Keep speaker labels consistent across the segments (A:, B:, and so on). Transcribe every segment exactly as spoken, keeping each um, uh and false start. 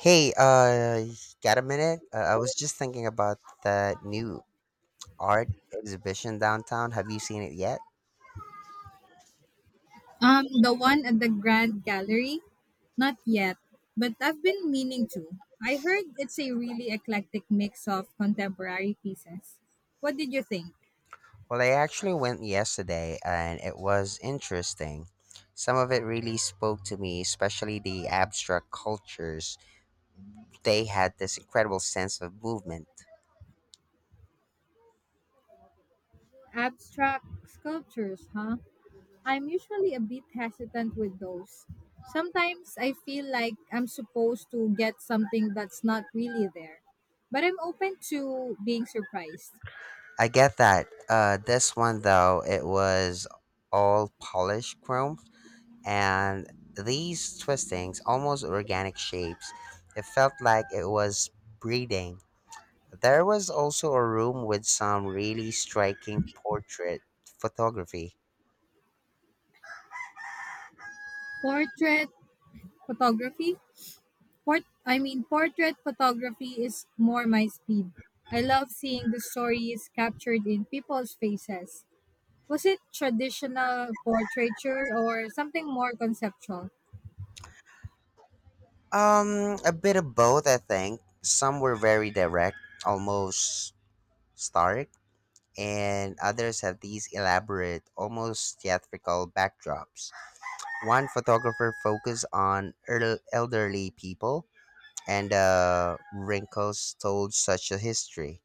A: Hey, uh, got a minute? Uh, I was just thinking about that new art exhibition downtown. Have you seen it yet?
B: Um, the one at the Grand Gallery? Not yet, but I've been meaning to. I heard it's a really eclectic mix of contemporary pieces. What did you think?
A: Well, I actually went yesterday and it was interesting. Some of it really spoke to me, especially the abstract cultures they had this incredible sense of movement.
B: Abstract sculptures, huh? I'm usually a bit hesitant with those. Sometimes I feel like I'm supposed to get something that's not really there. But I'm open to being surprised.
A: I get that. Uh, this one though, it was all polished chrome, and these twistings, almost organic shapes, it felt like it was breathing. There was also a room with some really striking portrait photography.
B: Portrait photography? Port I mean portrait photography is more my speed. I love seeing the stories captured in people's faces. Was it traditional portraiture or something more conceptual?
A: Um, a bit of both, I think. Some were very direct, almost stark and others have these elaborate, almost theatrical backdrops. One photographer focused on el- elderly people and the wrinkles told such a history.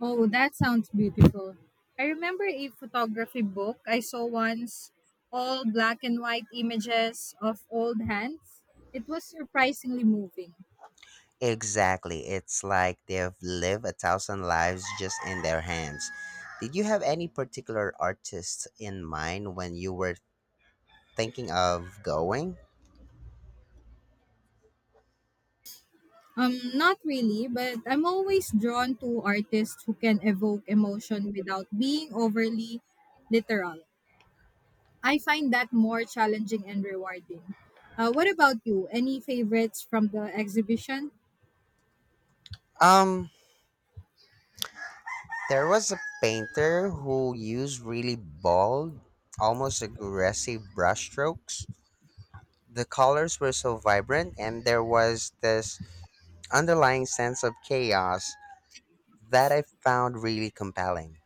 B: Oh, that sounds beautiful. I remember a photography book I saw once, all black and white images of old hands. It was surprisingly moving.
A: Exactly, it's like they've lived a thousand lives just in their hands. Did you have any particular artists in mind when you were thinking of going?
B: Um, not really, but I'm always drawn to artists who can evoke emotion without being overly literal. I find that more challenging and rewarding. Uh, what about you? Any favorites from the exhibition?
A: Um, There was a painter who used really bold, almost aggressive brushstrokes. The colors were so vibrant, and there was this underlying sense of chaos that I found really compelling.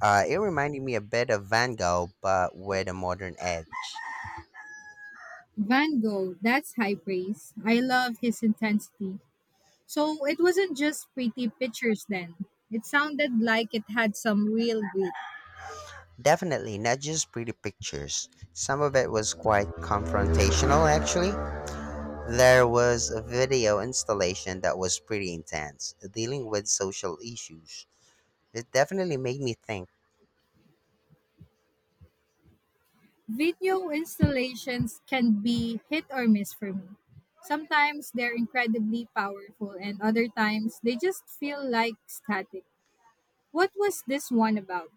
A: Uh, it reminded me a bit of Van Gogh, but with a modern edge.
B: Van Gogh, that's high praise. I love his intensity. So it wasn't just pretty pictures then. It sounded like it had some real grit.
A: Definitely not just pretty pictures. Some of it was quite confrontational, actually. There was a video installation that was pretty intense, dealing with social issues. It definitely made me think.
B: Video installations can be hit or miss for me. Sometimes they're incredibly powerful, and other times they just feel like static. What was this one about?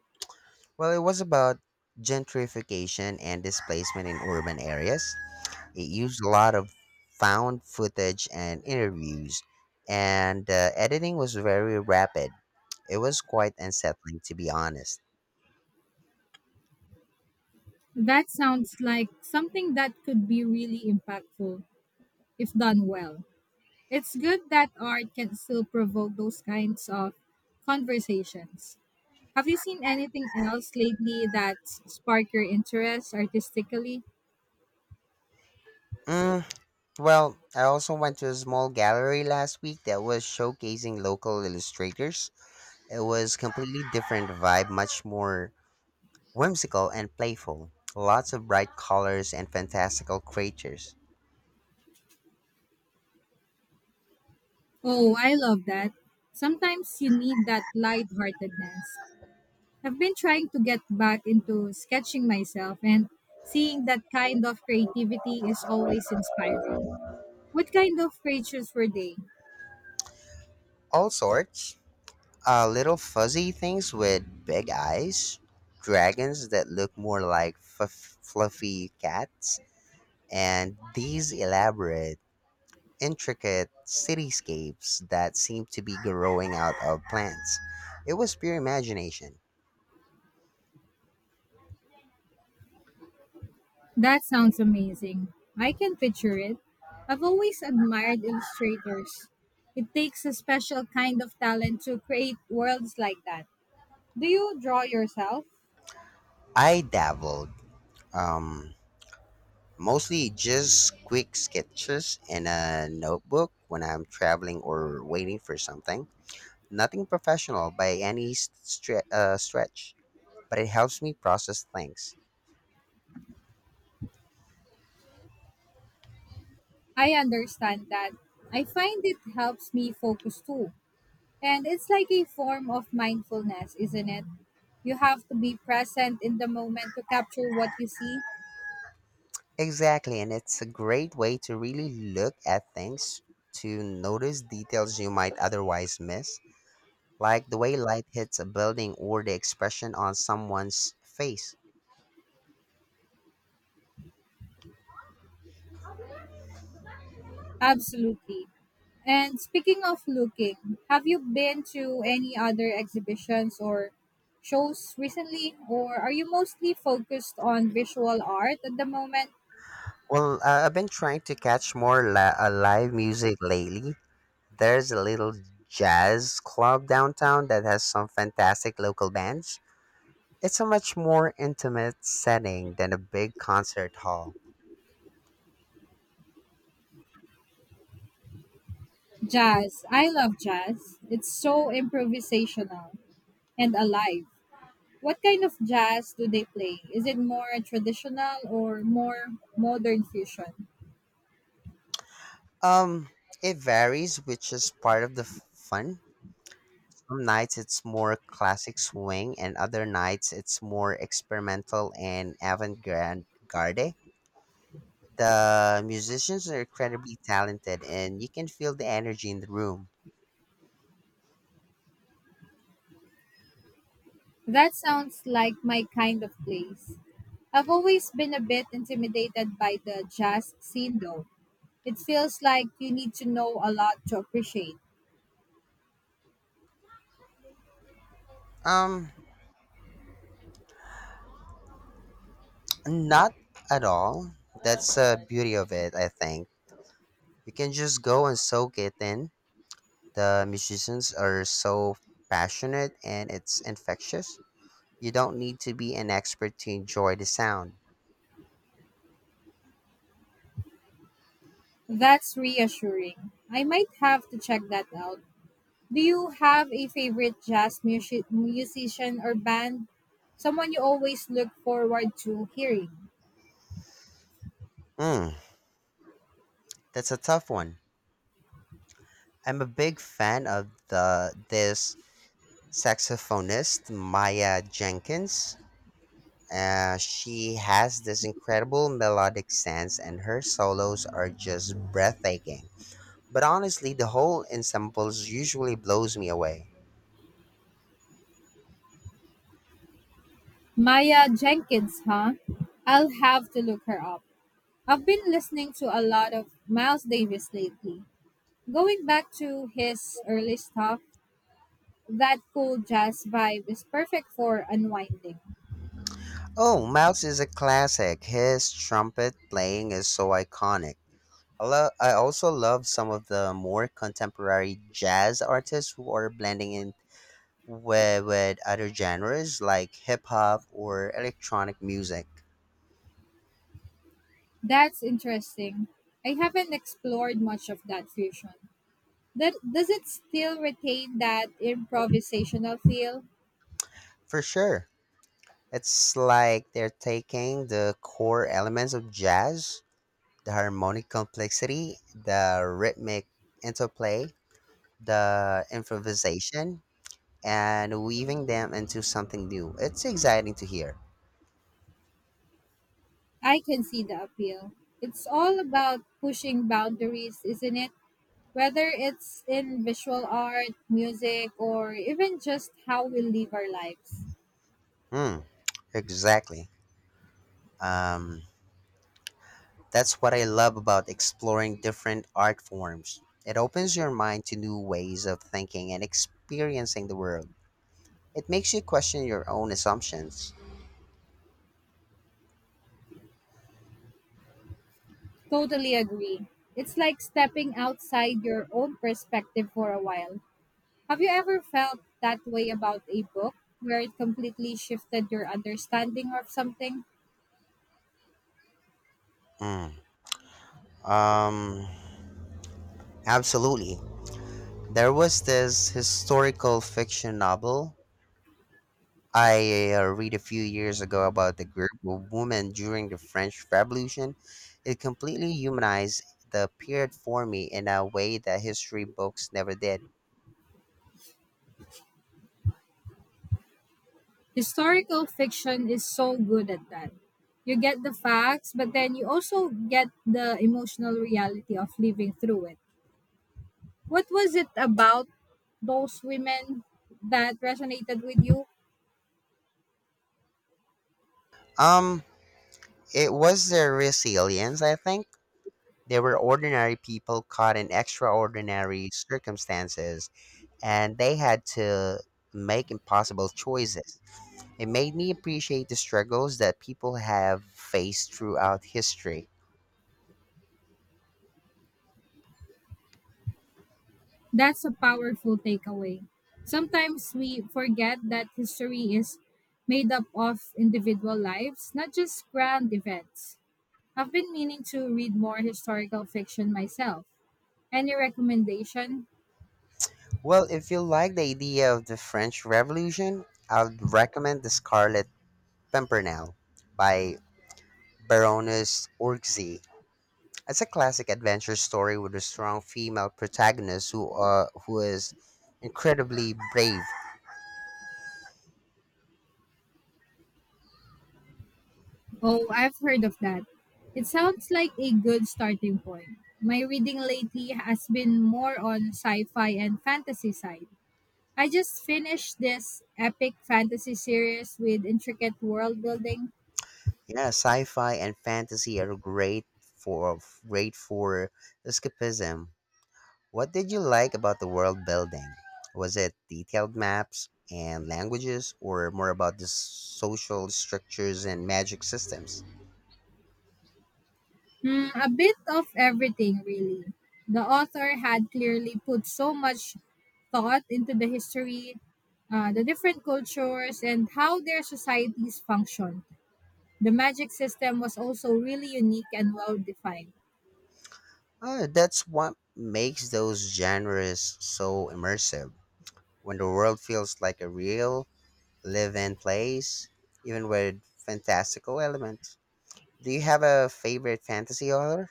A: Well, it was about gentrification and displacement in urban areas. It used a lot of found footage and interviews, and uh, editing was very rapid. It was quite unsettling, to be honest.
B: That sounds like something that could be really impactful if done well. It's good that art can still provoke those kinds of conversations. Have you seen anything else lately that's sparked your interest artistically?
A: Mm, well, I also went to a small gallery last week that was showcasing local illustrators. It was completely different vibe, much more whimsical and playful, lots of bright colors and fantastical creatures.
B: Oh, I love that. Sometimes you need that lightheartedness. I've been trying to get back into sketching myself and seeing that kind of creativity is always inspiring. What kind of creatures were they?
A: All sorts. Uh, little fuzzy things with big eyes, dragons that look more like f- fluffy cats, and these elaborate, intricate cityscapes that seem to be growing out of plants. It was pure imagination.
B: That sounds amazing. I can picture it. I've always admired illustrators. It takes a special kind of talent to create worlds like that. Do you draw yourself?
A: I dabbled. Um, Mostly just quick sketches and a notebook when I'm traveling or waiting for something. Nothing professional by any stre- uh, stretch, but it helps me process things.
B: I understand that. I find it helps me focus too. And it's like a form of mindfulness, isn't it? You have to be present in the moment to capture what you see.
A: Exactly, and it's a great way to really look at things, to notice details you might otherwise miss, like the way light hits a building or the expression on someone's face.
B: Absolutely. And speaking of looking, have you been to any other exhibitions or shows recently, or are you mostly focused on visual art at the moment?
A: Well, uh, I've been trying to catch more la- uh, live music lately. There's a little jazz club downtown that has some fantastic local bands. It's a much more intimate setting than a big concert hall.
B: Jazz. I love jazz. It's so improvisational and alive. What kind of jazz do they play? Is it more traditional or more modern fusion?
A: Um, it varies, which is part of the f- fun. Some nights it's more classic swing, and other nights it's more experimental and avant-garde. Garde. The musicians are incredibly talented, and you can feel the energy in the room.
B: That sounds like my kind of place. I've always been a bit intimidated by the jazz scene though. It feels like you need to know a lot to appreciate.
A: Um, Not at all. That's the beauty of it, I think. We can just go and soak it in. The musicians are so passionate and it's infectious. You don't need to be an expert to enjoy the sound.
B: That's reassuring. I might have to check that out. Do you have a favorite jazz music- musician or band? Someone you always look forward to hearing?
A: Mm, that's a tough one. I'm a big fan of the this saxophonist Maya Jenkins. Uh, she has this incredible melodic sense, and her solos are just breathtaking. But honestly, the whole ensemble usually blows me away.
B: Maya Jenkins, huh? I'll have to look her up. I've been listening to a lot of Miles Davis lately. Going back to his early stuff, that cool jazz vibe is perfect for unwinding.
A: Oh, Mouse is a classic. His trumpet playing is so iconic. I, lo- I also love some of the more contemporary jazz artists who are blending in with, with other genres like hip hop or electronic music.
B: That's interesting. I haven't explored much of that fusion. That, does it still retain that improvisational feel?
A: For sure. It's like they're taking the core elements of jazz, the harmonic complexity, the rhythmic interplay, the improvisation and weaving them into something new. It's exciting to hear.
B: I can see the appeal. It's all about pushing boundaries, isn't it? Whether it's in visual art, music, or even just how we live our lives.
A: Hmm, exactly. Um, that's what I love about exploring different art forms. It opens your mind to new ways of thinking and experiencing the world. It makes you question your own assumptions.
B: Totally agree. It's like stepping outside your own perspective for a while. Have you ever felt that way about a book where it completely shifted your understanding of something?
A: Mm, um, absolutely. There was this historical fiction novel I uh, read a few years ago about the group of women during the French Revolution. It completely humanized the period for me in a way that history books never did.
B: Historical fiction is so good at that. You get the facts, but then you also get the emotional reality of living through it. What was it about those women that resonated with you?
A: Um, it was their resilience, I think. They were ordinary people caught in extraordinary circumstances, and they had to make impossible choices. It made me appreciate the struggles that people have faced throughout history.
B: That's a powerful takeaway. Sometimes we forget that history is made up of individual lives, not just grand events. I've been meaning to read more historical fiction myself. Any recommendation?
A: Well, if you like the idea of the French Revolution, I'd recommend The Scarlet Pimpernel by Baroness Orczy. It's a classic adventure story with a strong female protagonist who uh, who is incredibly brave.
B: Oh, I've heard of that. It sounds like a good starting point. My reading lately has been more on sci fi and fantasy side. I just finished this epic fantasy series with intricate world building.
A: Yeah, sci-fi and fantasy are great for great for escapism. What did you like about the world building? Was it detailed maps and languages, or more about the social structures and magic systems?
B: Mm, a bit of everything, really. The author had clearly put so much thought into the history, uh, the different cultures, and how their societies function. The magic system was also really unique and well defined.
A: Uh, that's what makes those genres so immersive. When the world feels like a real, live in place, even with fantastical elements. Do you have a favorite fantasy author?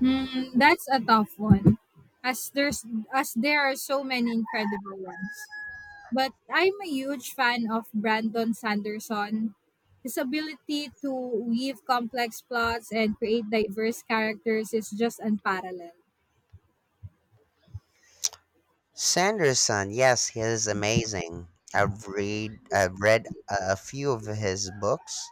B: Mm, that's a tough one, as there's as there are so many incredible ones. But I'm a huge fan of Brandon Sanderson. His ability to weave complex plots and create diverse characters is just unparalleled.
A: Sanderson, yes, he is amazing. I've read I've read a a few of his books.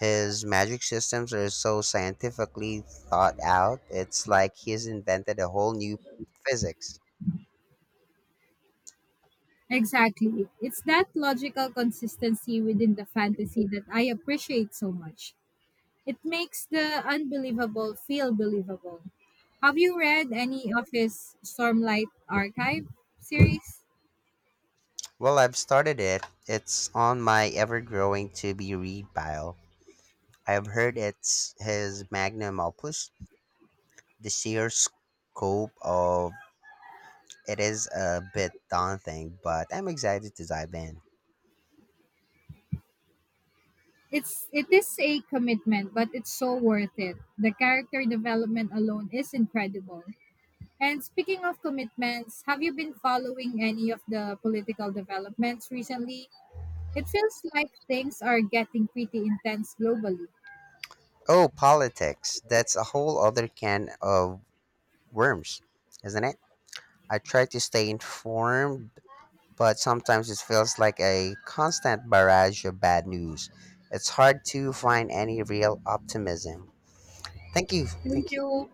A: His magic systems are so scientifically thought out, it's like he's invented a whole new physics.
B: Exactly. It's that logical consistency within the fantasy that I appreciate so much. It makes the unbelievable feel believable. Have you read any of his Stormlight Archive series?
A: Well, I've started it. It's on my ever growing to be read pile. I've heard it's his magnum opus. The sheer scope of it is a bit daunting, but I'm excited to dive in.
B: It's it is a commitment, but it's so worth it. The character development alone is incredible. And speaking of commitments, have you been following any of the political developments recently? It feels like things are getting pretty intense globally.
A: Oh, politics. That's a whole other can of worms, isn't it? I try to stay informed but sometimes it feels like a constant barrage of bad news. It's hard to find any real optimism. Thank you.
B: Thank
A: Thank you.
B: you.